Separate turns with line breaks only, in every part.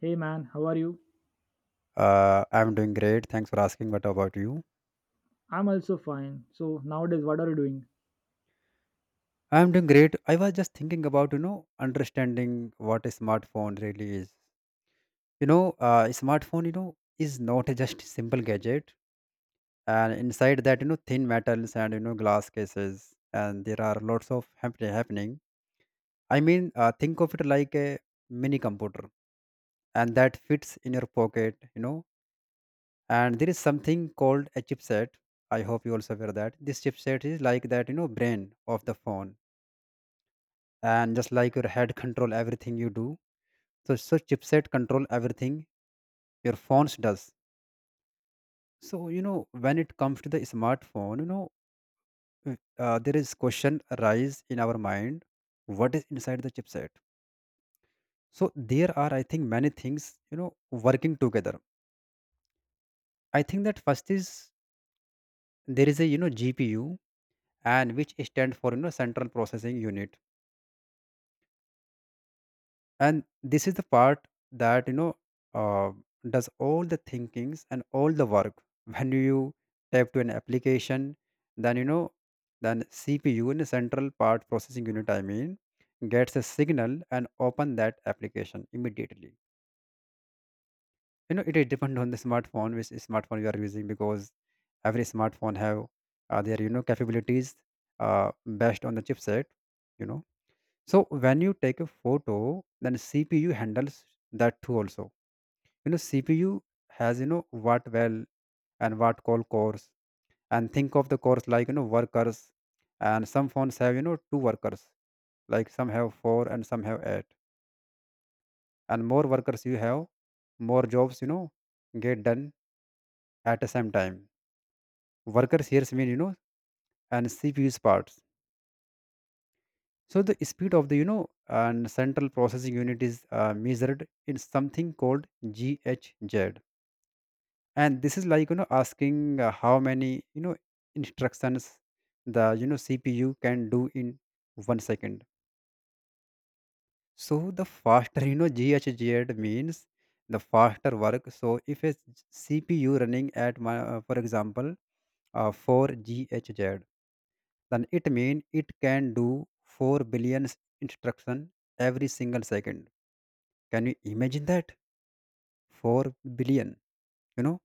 Hey man, how are you?
I'm doing great. Thanks for asking. What about you?
I'm also fine. So nowadays, what are you doing?
I'm doing great. I was just thinking about understanding what a smartphone really is. A smartphone is not a just simple gadget. And inside that thin metals and glass cases. And there are lots of happening. I mean, think of it like a mini computer. And that fits in your pocket. And there is something called a chipset. I hope you also aware that. This chipset is like that brain of the phone, and just like your head control everything you do, so chipset control everything your phones does. So when it comes to the smartphone there is question arise in our mind. What is inside the chipset? So there are, I think, many things working together. I think that first is there is a GPU, and which stands for central processing unit. And this is the part that uh, does all the thinkings and all the work when you tap to an application. Then then CPU, in the central part processing unit I mean, gets a signal and open that application immediately. It is depend on the smartphone, which smartphone you are using, because every smartphone have their capabilities uh, based on the chipset you know so when you take a photo, then CPU handles that too also. You know, CPU has what well and what call cores. And think of the cores like workers. And some phones have two workers. Like some have four and some have eight. And more workers you have, more jobs, get done at the same time. Workers here mean, and CPU's parts. So the speed of the and central processing unit is measured in something called GHZ. And this is like asking how many instructions the CPU can do in 1 second. So the faster GHZ means the faster work. So if a CPU running at for example 4 GHZ, then it means it can do 4 billion instruction every single second. Can you imagine that? 4 billion. you know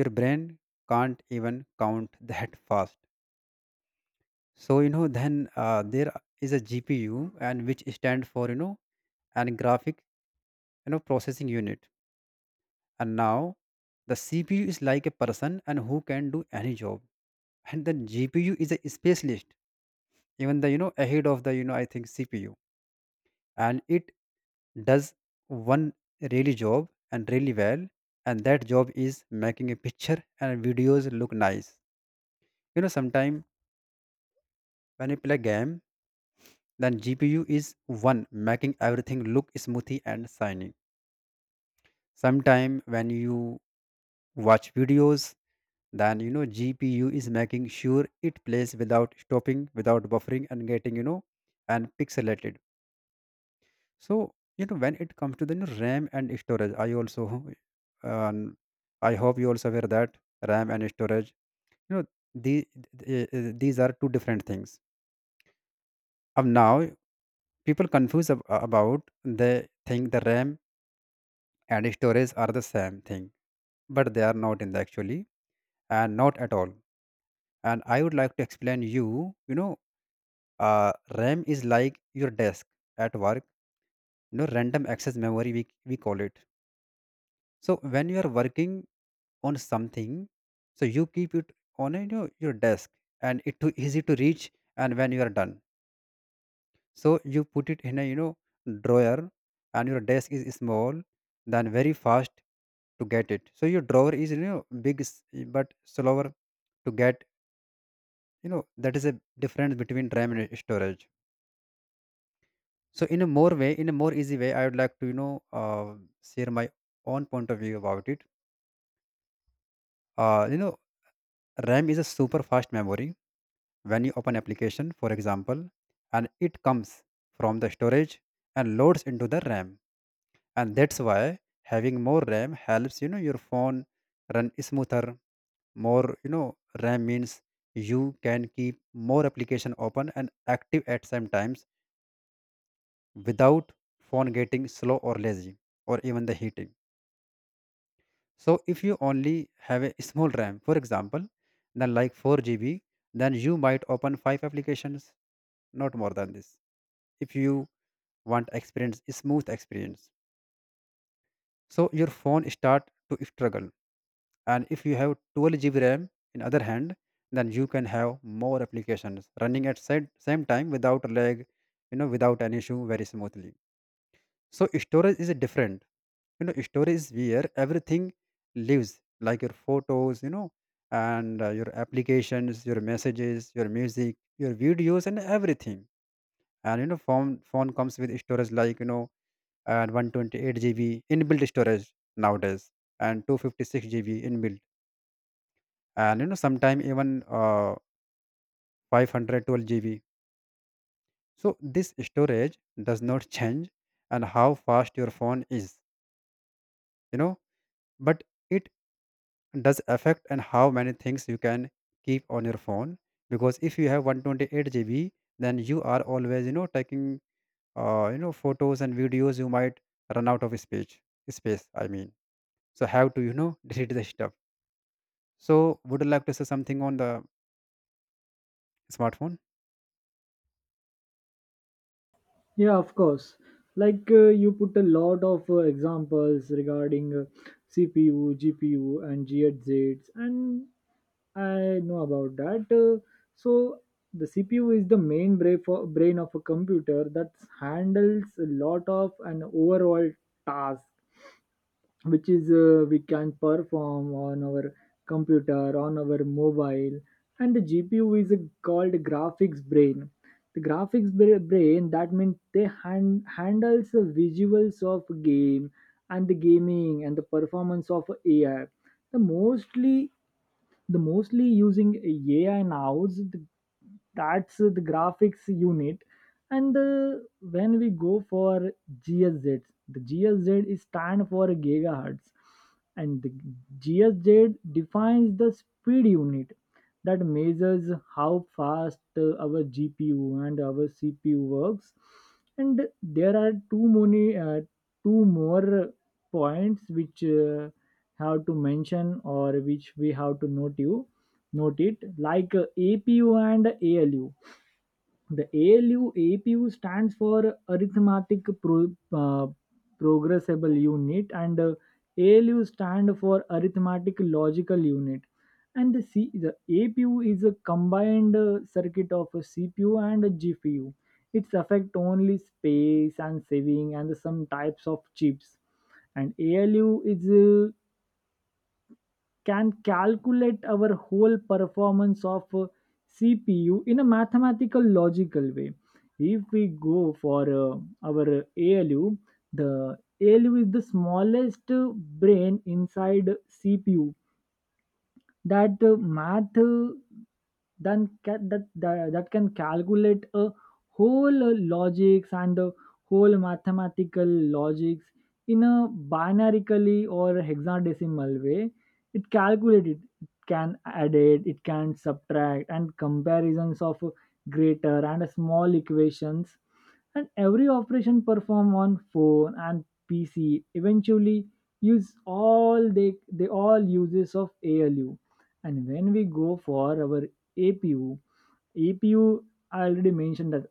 your brain can't even count that fast. So you know, then there is a GPU, and which stand for and graphic processing unit. And now, the CPU is like a person and who can do any job. And then GPU is a specialist, even the ahead of the I think CPU, and it does one really job and really well. And that job is making a picture and videos look nice. Sometime when you play game, then GPU is one making everything look smoothy and shiny. Sometime when you watch videos, then GPU is making sure it plays without stopping, without buffering, and getting and pixelated. So when it comes to the RAM and storage I also um, I hope you also aware that RAM and storage you know the, these are two different things. Of now people confuse about, they think the RAM and storage are the same thing, but they are not in the actually, and not at all. And I would like to explain you. You know uh, RAM is like your desk at work, you know random access memory we call it. So when you are working on something, so you keep it on a your desk, and it too easy to reach. And when you are done, so you put it in a drawer. And your desk is small, then very fast to get it. So your drawer is big but slower to get. That is a difference between RAM and storage. So in a more way, in a more easy way, I would like to share my own point of view about it. Uh, you know, RAM is a super fast memory. When you open application, for example, and it comes from the storage and loads into the RAM, and that's why having more RAM helps your phone run smoother. More RAM means you can keep more application open and active at same times without phone getting slow or lazy or even the heat. So if you only have a small RAM, for example, then like 4 GB, then you might open five applications, not more than this. If you want experience, smooth experience. So your phone start to struggle. And if you have 12 GB RAM, in other hand, then you can have more applications running at same time without lag, without an issue, very smoothly. So storage is different. Story is where everything lives, like your photos and your applications, your messages, your music, your videos, and everything. And phone comes with storage like and 128 GB inbuilt storage nowadays, and 256 GB inbuilt, and sometime even 512 GB. So this storage does not change and how fast your phone is, you know, but does affect and how many things you can keep on your phone. Because if you have 128 GB, then you are always taking photos and videos, you might run out of space. Space I mean. So have to delete the stuff. So would you like to say something on the smartphone?
Yeah, of course. Like, you put a lot of examples regarding CPU, GPU, and GHZs, and I know about that. So the CPU is the main brain of a computer that handles a lot of an overall task which is, we can perform on our computer on our mobile. And the GPU is called graphics brain, brain. That means they handles the visuals of game and the gaming and the performance of AI, the mostly the mostly using AI nows. That's the graphics unit. And when we go for GSZ, the GSZ is stand for gigahertz, and the GSZ defines the speed unit that measures how fast our GPU and our CPU works. And there are two more points which have to mention, or which we have to note it, like APU and ALU. The ALU APU stands for arithmetic uh, progressible unit, and ALU stand for arithmetic logical unit. And the APU is a combined circuit of a CPU and a GPU. Its affect only space and saving and some types of chips. And ALU is can calculate our whole performance of CPU in a mathematical logical way. If we go for our ALU, the ALU is the smallest brain inside CPU that that can calculate a whole logics and the whole mathematical logics in a binarically or hexadecimal way. It calculate it, it can add it can subtract, and comparisons of greater and small equations. And every operation performed on phone and PC eventually use all, they all uses of ALU. And when we go for our APU, APU I already mentioned that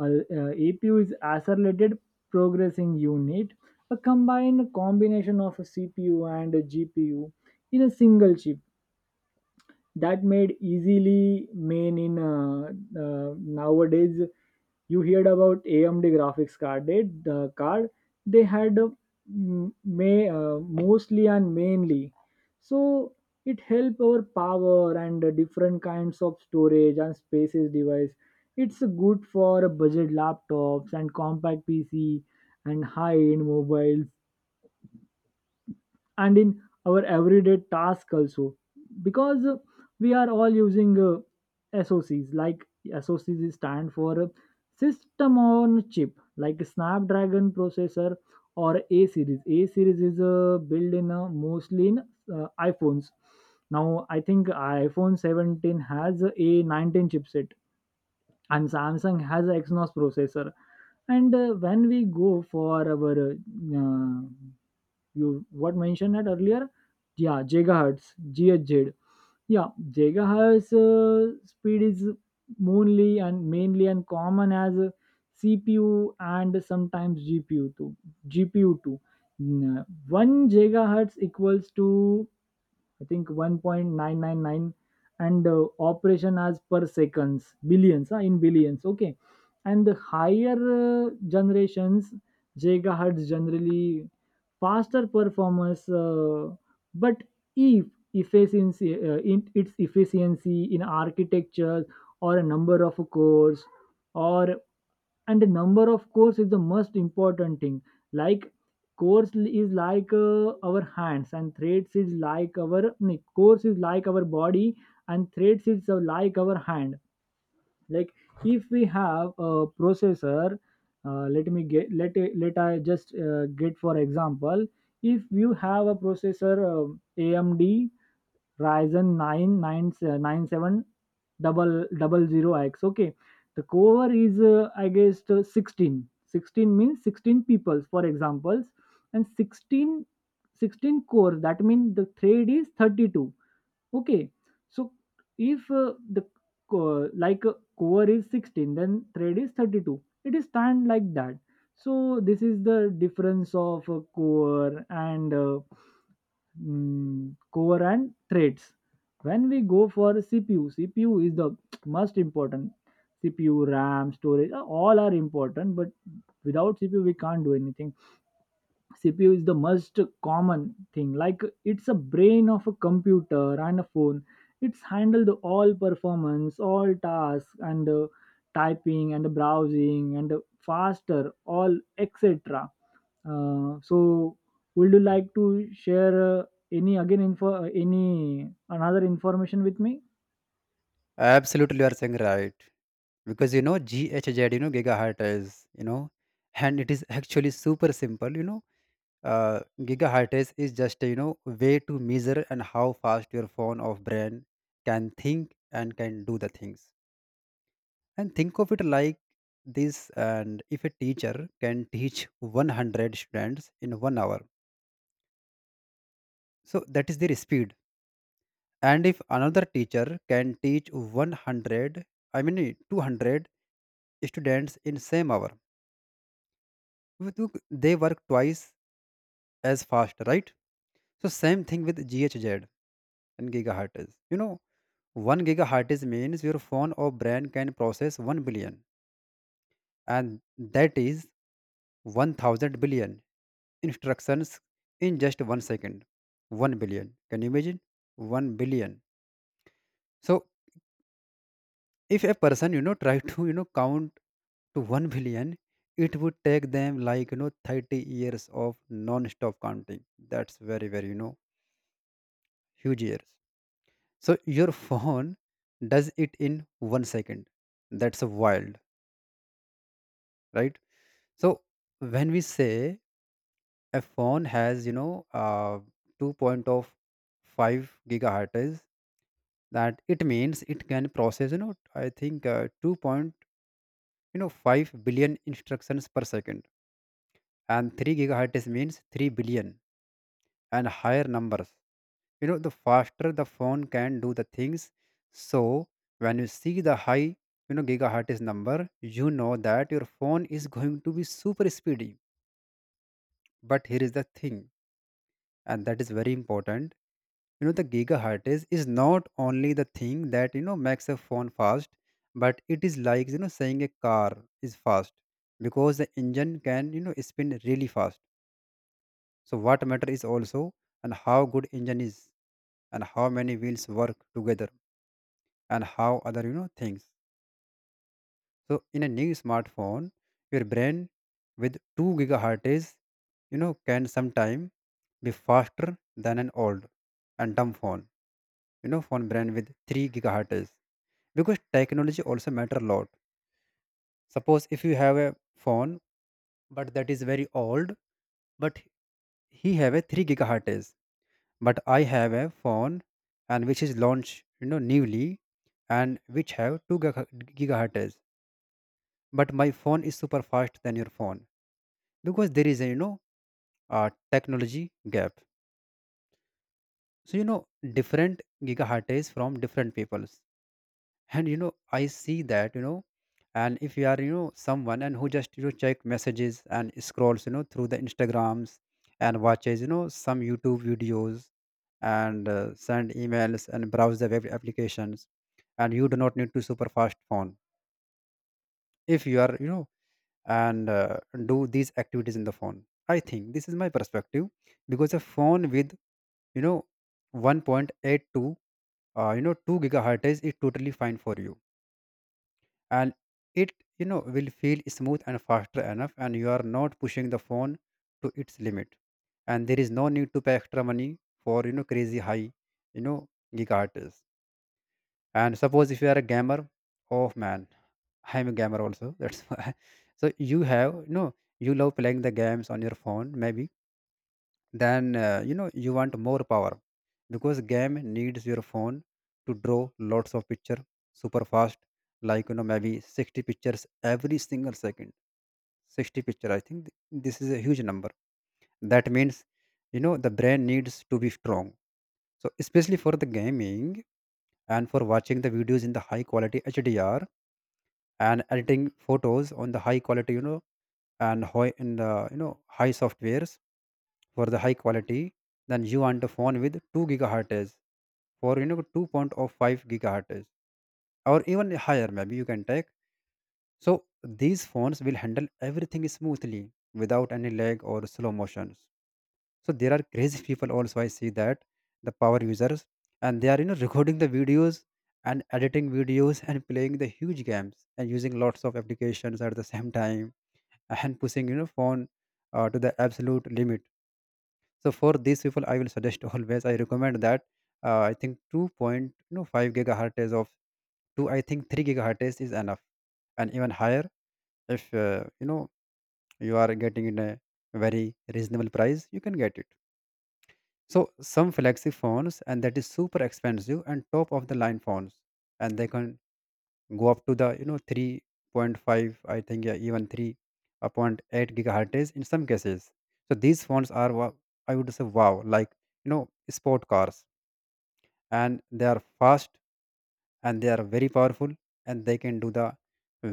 APU is accelerated progressing unit, a combined combination of a CPU and a GPU in a single chip that made easily main in nowadays. You heard about AMD graphics card, the card they had m- may mostly and mainly. So it help our power and different kinds of storage and spaces device. It's good for budget laptops and compact PC and high end mobiles, and in our everyday task also, because we are all using socs like socs. Stand for system on chip, like Snapdragon processor, or A series is built in mostly in iPhones. Now I think iPhone 17 has a 19 chipset, and Samsung has a Exynos processor. And when we go for our you what mentioned that earlier, yeah, gigahertz, GHz. Yeah, gigahertz speed is mainly and mainly and common as CPU, and sometimes GPU too, gpu too 1 gigahertz equals to I think 1.999, and operation as per seconds billions, in billions, okay. And the higher generations gigahertz, generally faster performance, but if efficiency, in its efficiency in architecture, or a number of cores, or, and the number of cores is the most important thing. Like is like our hands, and threads is like our no, cores is like our body, and threads is like our hand. Like if we have a processor, let me get let let I just get, for example, if you have a processor, AMD Ryzen 9 9 9 7 double double zero X, okay, the core is I guess 16 16 means 16 peoples, for examples, and sixteen 16 cores, that means the thread is 32. Okay, so if the like core is 16, then thread is 32. It is stand like that. So this is the difference of core and core and threads. When we go for CPU, CPU is the most important. CPU, RAM, storage, all are important, but without CPU we can't do anything. CPU is the most common thing, like it's a brain of a computer and a phone. It's handled all performance, all tasks, and typing and browsing and faster all, etc. So would you like to share any another information with me?
Absolutely, you are saying right. Because GHZ gigahertz, you know, and it is actually super simple, you know. Gigahertz is just way to measure and how fast your phone or brain can think and can do the things. And think of it like this. And if a teacher can teach 100 students in 1 hour, so that is their speed. And if another teacher can teach 100, I mean 200 students in same hour, look, they work twice as fast, right? So same thing with GHZ and gigahertz, you know, 1 gigahertz is means your phone or brain can process 1 billion, and that is 1,000 billion instructions in just 1 second. 1 billion. Can you imagine? 1 billion. So, if a person, try to, count to 1 billion, it would take them like, 30 years of non stop counting. That's very, very, huge years. So, your phone does it in 1 second. That's wild, right? So when we say a phone has, 2.5 gigahertz, that it means it can process, I think 2 point, 5 billion instructions per second. And 3 gigahertz means 3 billion and higher numbers. You know, the faster the phone can do the things. So when you see the high, gigahertz number, you know that your phone is going to be super speedy. But here is the thing, and that is very important. The gigahertz is not only the thing that makes a phone fast, but it is like saying a car is fast because the engine can spin really fast. So what matter is also, and how good engine is, and how many wheels work together, and how other things. So in a new smartphone your brain with 2 gigahertz can sometime be faster than an old and dumb phone phone brand with 3 gigahertz, because technology also matter a lot. Suppose if you have a phone but that is very old, but he have a 3 gigahertz, but I have a phone and which is launched newly and which have 2 gigahertz, but my phone is super fast than your phone, because there is a a technology gap. So different gigahertz from different people. And I see that and if you are someone and who just check messages and scrolls through the Instagrams and watches some YouTube videos and send emails and browse the web applications, and you do not need to super fast phone. If you are and do these activities in the phone, I think this is my perspective. Because a phone with you know 1.82 2 gigahertz is totally fine for you. And it will feel smooth and faster enough, and you are not pushing the phone to its limit. And there is no need to pay extra money For crazy high you know gigahertz. And suppose if you are a gamer. Oh man, I'm a gamer also, that's why. So you have, you love playing the games on your phone maybe. Then you want more power, because game needs your phone to draw lots of picture super fast, like maybe 60 pictures every single second. 60 picture, I think this is a huge number. That means, the brain needs to be strong. So especially for the gaming, and for watching the videos in the high quality HDR, and editing photos on the high quality, and high in the, high softwares for the high quality. Then you want a phone with 2 gigahertz, for 2.5 gigahertz, or even higher maybe you can take. So these phones will handle everything smoothly, without any lag or slow motions. So there are crazy people also, I see that, the power users, and they are recording the videos and editing videos and playing the huge games and using lots of applications at the same time, and pushing, phone, to the absolute limit. So for these people I will suggest, always I recommend that, I think 2.5 gigahertz of, to I think 3 gigahertz is enough, and even higher. If you are getting in a very reasonable price, you can get it. So some flagship phones, and that is super expensive and top of the line phones, and they can go up to the, 3.5, I think, yeah, even 3.8 gigahertz in some cases. So these phones are I would say, wow, like sport cars, and they are fast, and they are very powerful, and they can do the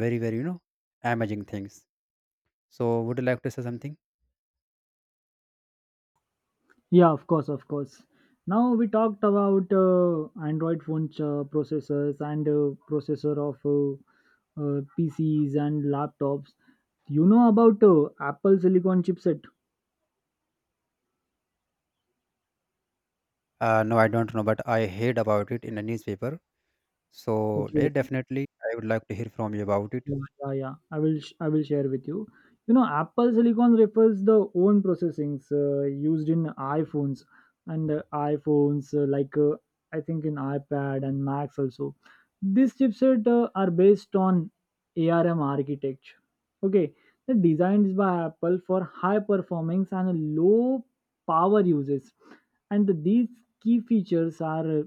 very very, amazing things. So would you like to say something?
Yeah, of course, of course. Now we talked about Android phone processors and processor of PCs and laptops. You know about Apple silicon chipset.
No, I don't know, but I heard about it in a newspaper, so
Okay.
they
Okay.
definitely, I would like to hear from you about it.
Yeah, yeah, yeah. I will share with you. You know, Apple Silicon refers the own processings used in iPhones, and iPhones like I think in iPad and Macs also. These chipset are based on ARM architecture. Okay, the designed by Apple for high performance and low power uses. And these key features are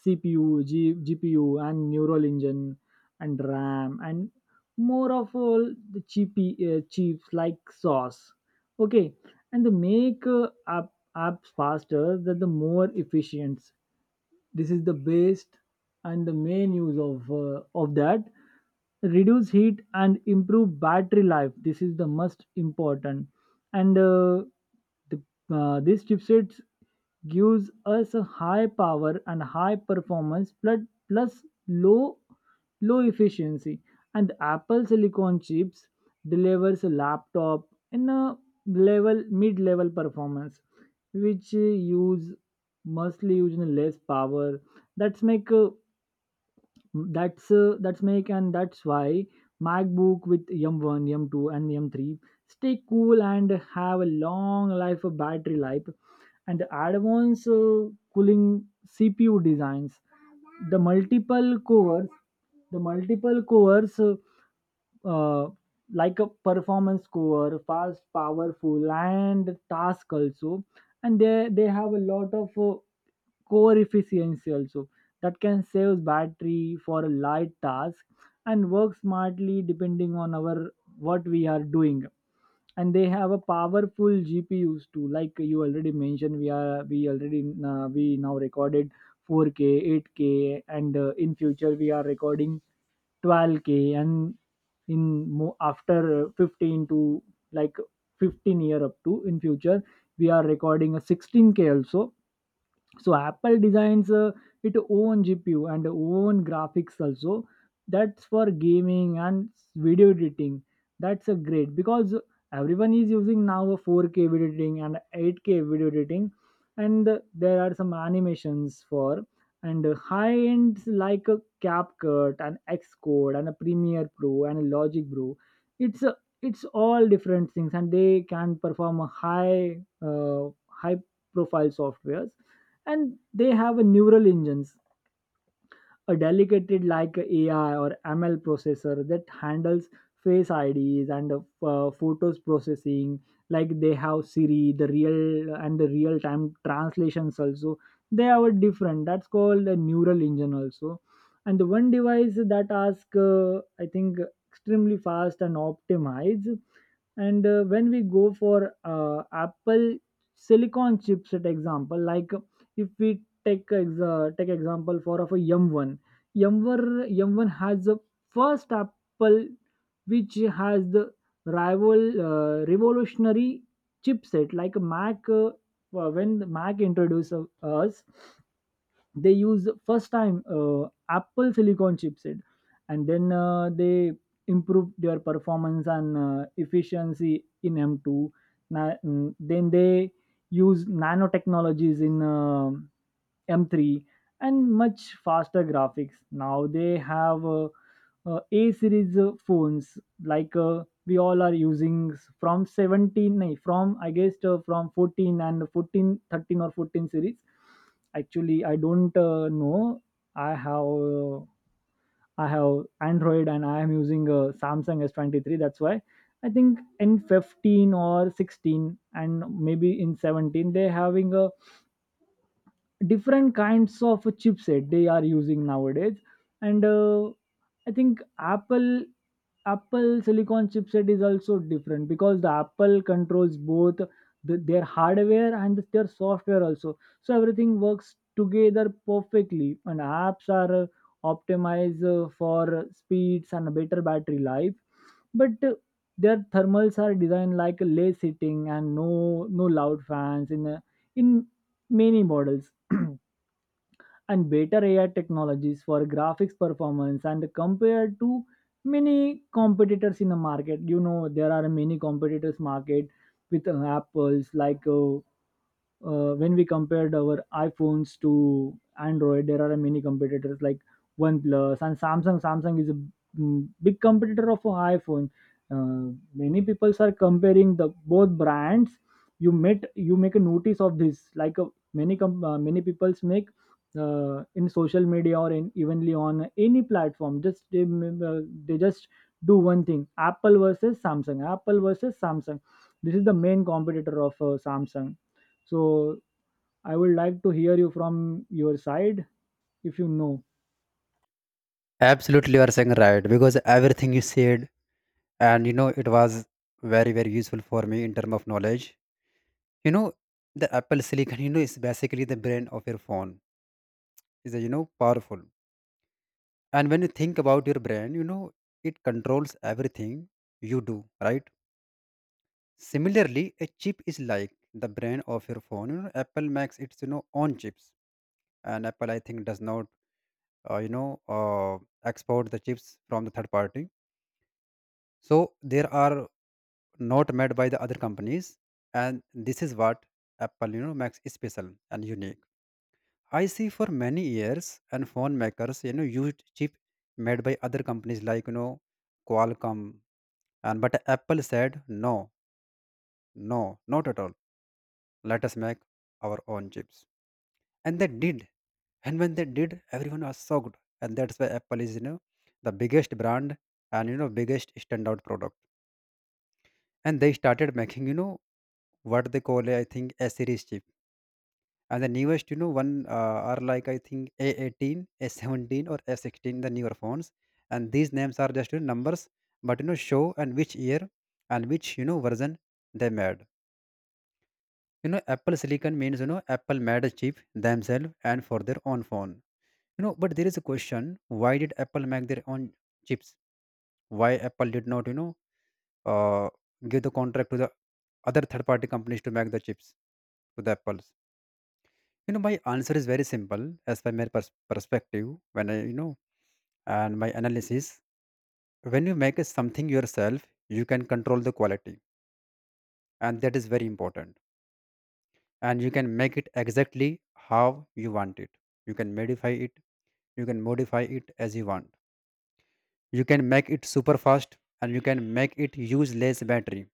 CPU, GPU, and neural engine, and RAM, and more of all the cheap chips, like sauce. Okay, and the make apps faster, that the more efficient, this is the best. And the main use of that, reduce heat and improve battery life. This is the most important. And the, these chipsets gives us a high power and high performance, plus low efficiency. And the Apple silicon chips delivers a laptop in a level mid level performance, which use mostly, using less power. that's make uh, that's make and that's why MacBook with M1, M2, and M3 stay cool and have a long life of battery life, and advanced cooling CPU designs, the multiple cores, the multiple cores uh, uh, like a performance core, fast powerful, and task also. And they have a lot of core efficiency also, that can save battery for a light task and work smartly depending on our what we are doing. And they have a powerful GPUs too, like you already mentioned. We are we already uh, we now recorded 4K 8K, and in future we are recording 12K, and in after 15 to, like, 15-year up to, in future we are recording a 16K also. So Apple designs its own GPU and own graphics also. That's for gaming and video editing. That's a great, because everyone is using now a 4K video editing and 8K video editing. And there are some animations for, and high ends, like a CapCut and Xcode and a Premiere Pro and a Logic Pro. It's a, it's all different things, and they can perform a high high profile softwares. And they have a neural engines, a delegated like AI or ML processor that handles face IDs and photos processing. Like they have Siri, the real time translations also. They are different. That's called a neural engine also. And the one device that ask I think extremely fast and optimized. And when we go for Apple silicon chipset example, like if we take take example for of a M1 has the first Apple, which has the rival revolutionary chipset, like a Mac, well, when the Mac introduced us, they use first time Apple silicon chipset. And then they improve their performance and efficiency in M2. Then they use nanotechnologies in M3, and much faster graphics. Now they have A series phones, like we all are using from 17, nay, from I guess from 14 and 14 13 or 14 series. Actually, I don't know. I have uh, I have Android, and I am using a Samsung S23. That's why I think in 15 or 16, and maybe in 17, they having a different kinds of a chipset they are using nowadays. And I think Apple silicon chipset is also different, because the Apple controls both their hardware and their software also, so everything works together perfectly. And apps are optimized for speeds and a better battery life. But their thermals are designed like less heating, and no loud fans in in many models, and better AI technologies for graphics performance, and compared to many competitors in the market. You know there are many competitors market with Apple's, like when we compared our iPhones to Android. There are many competitors like OnePlus and Samsung. Samsung is a big competitor of iPhone. Many people are comparing the both brands. You make a notice of this. Like many people make in social media or in evenly on any platform, just they just do one thing: Apple versus Samsung, Apple versus Samsung. This is the main competitor of Samsung. So I would like to hear you from your side, if you know.
Absolutely, you are saying right, because everything you said, and it was very very useful for me in term of knowledge. you know the Apple silicon, is basically the brain of your phone. Is a, powerful, and when you think about your brain, it controls everything you do, right? Similarly, a chip is like the brain of your phone. Apple makes its, own chips, and Apple I think does not, uh, you know uh, export the chips from the third party. So there are not made by the other companies, and this is what Apple, makes special and unique. I see for many years, and phone makers, used chip made by other companies, like Qualcomm, and but Apple said no, no, not at all. Let us make our own chips. And they did. And when they did, everyone was shocked. And that's why Apple is, the biggest brand, and biggest standout product. And they started making, what they call, I think, A series chip. And the newest, one are, like, I think, A18, A17, or A16, the newer phones. And these names are just, numbers, but show and which year, and which, version they made. Apple silicon means, Apple made a chip themselves and for their own phone. But there is a question, why did Apple make their own chips? Why Apple did not uh, give the contract to the other third party companies to make the chips to the Apples? My answer is very simple, as per my perspective, when I, and my analysis, when you make a something yourself, you can control the quality, and that is very important. And you can make it exactly how you want it. You can modify it, as you want. You can make it super fast, and you can make it use less battery,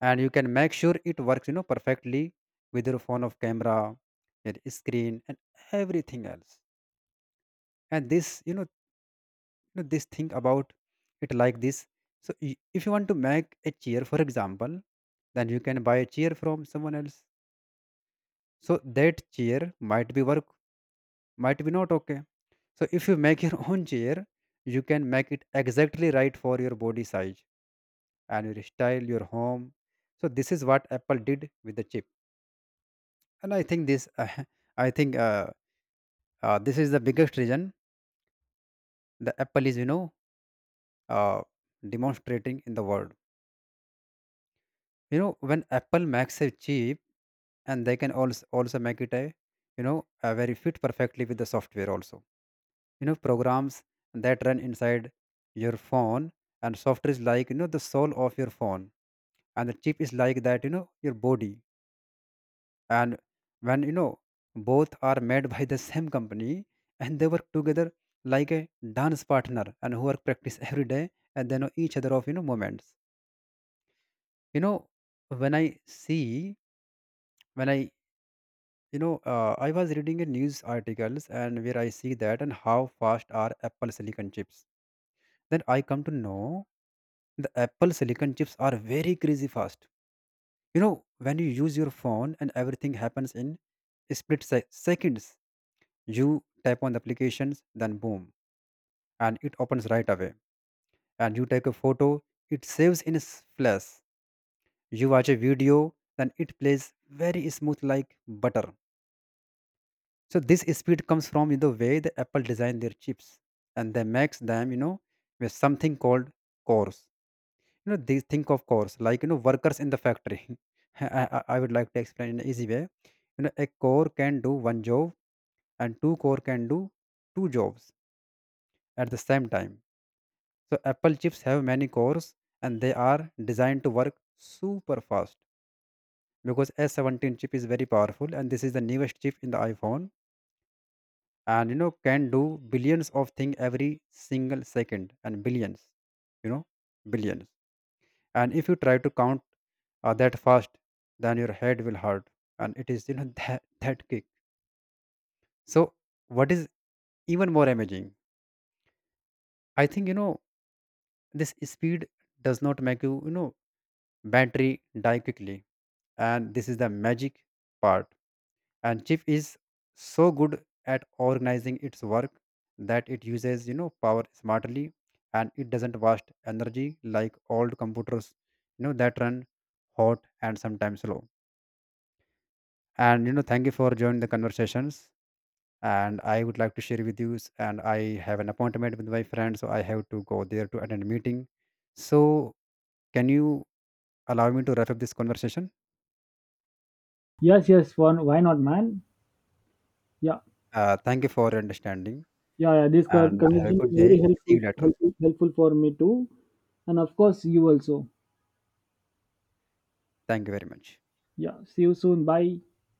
and you can make sure it works, perfectly, with your phone of camera, your screen, and everything else. And this, this thing about it like this. So if you want to make a chair, for example, then you can buy a chair from someone else, so that chair might be work, might be not okay. So if you make your own chair, you can make it exactly right for your body size, and you style, your home. So this is what Apple did with the chip, and I think this, I think this is the biggest reason the Apple is, uh, demonstrating in the world. You know when Apple makes a chip, and they can also make it a, a very fit perfectly with the software also. You know programs that run inside your phone, and software is like, the soul of your phone, and the chip is like that, your body. And when, both are made by the same company, and they work together like a dance partner and who are practice every day, and they know each other of, moments. you know when I see, when I, I was reading a news articles, and where I see that, and how fast are Apple silicon chips, then I come to know, the Apple silicon chips are very crazy fast. You know when you use your phone, and everything happens in split seconds. You tap on the applications, then boom, and it opens right away. And you take a photo, it saves in a flash. You watch a video, then it plays very smooth like butter. So this speed comes from the way the Apple design their chips, and they makes them, with something called cores. You know, they think of cores like, workers in the factory. I would like to explain in an easy way. You know, a core can do one job, and two core can do two jobs at the same time. So Apple chips have many cores, and they are designed to work super fast, because S17 chip is very powerful, and this is the newest chip in the iPhone, and can do billions of things every single second. And billions, you know billions, and if you try to count that fast, then your head will hurt. And it is, that that kick. So what is even more amazing, I think, this speed does not make you, you know battery die quickly. And this is the magic part. And chief is so good at organizing its work, that it uses, power smartly, and it doesn't waste energy like old computers, that run hot and sometimes slow. And thank you for joining the conversations. And I would like to share with you and I have an appointment with my friend, so I have to go there to attend a meeting. So can you allow me to wrap up this conversation?
Yes, yes, one why not man. Yeah.
Thank you for your understanding.
Yeah, yeah,
And have a
conversation
good
is very
day. See
helpful,
you later.
helpful helpful for me too. And of course you also.
Thank you very much.
Yeah, see you soon, bye.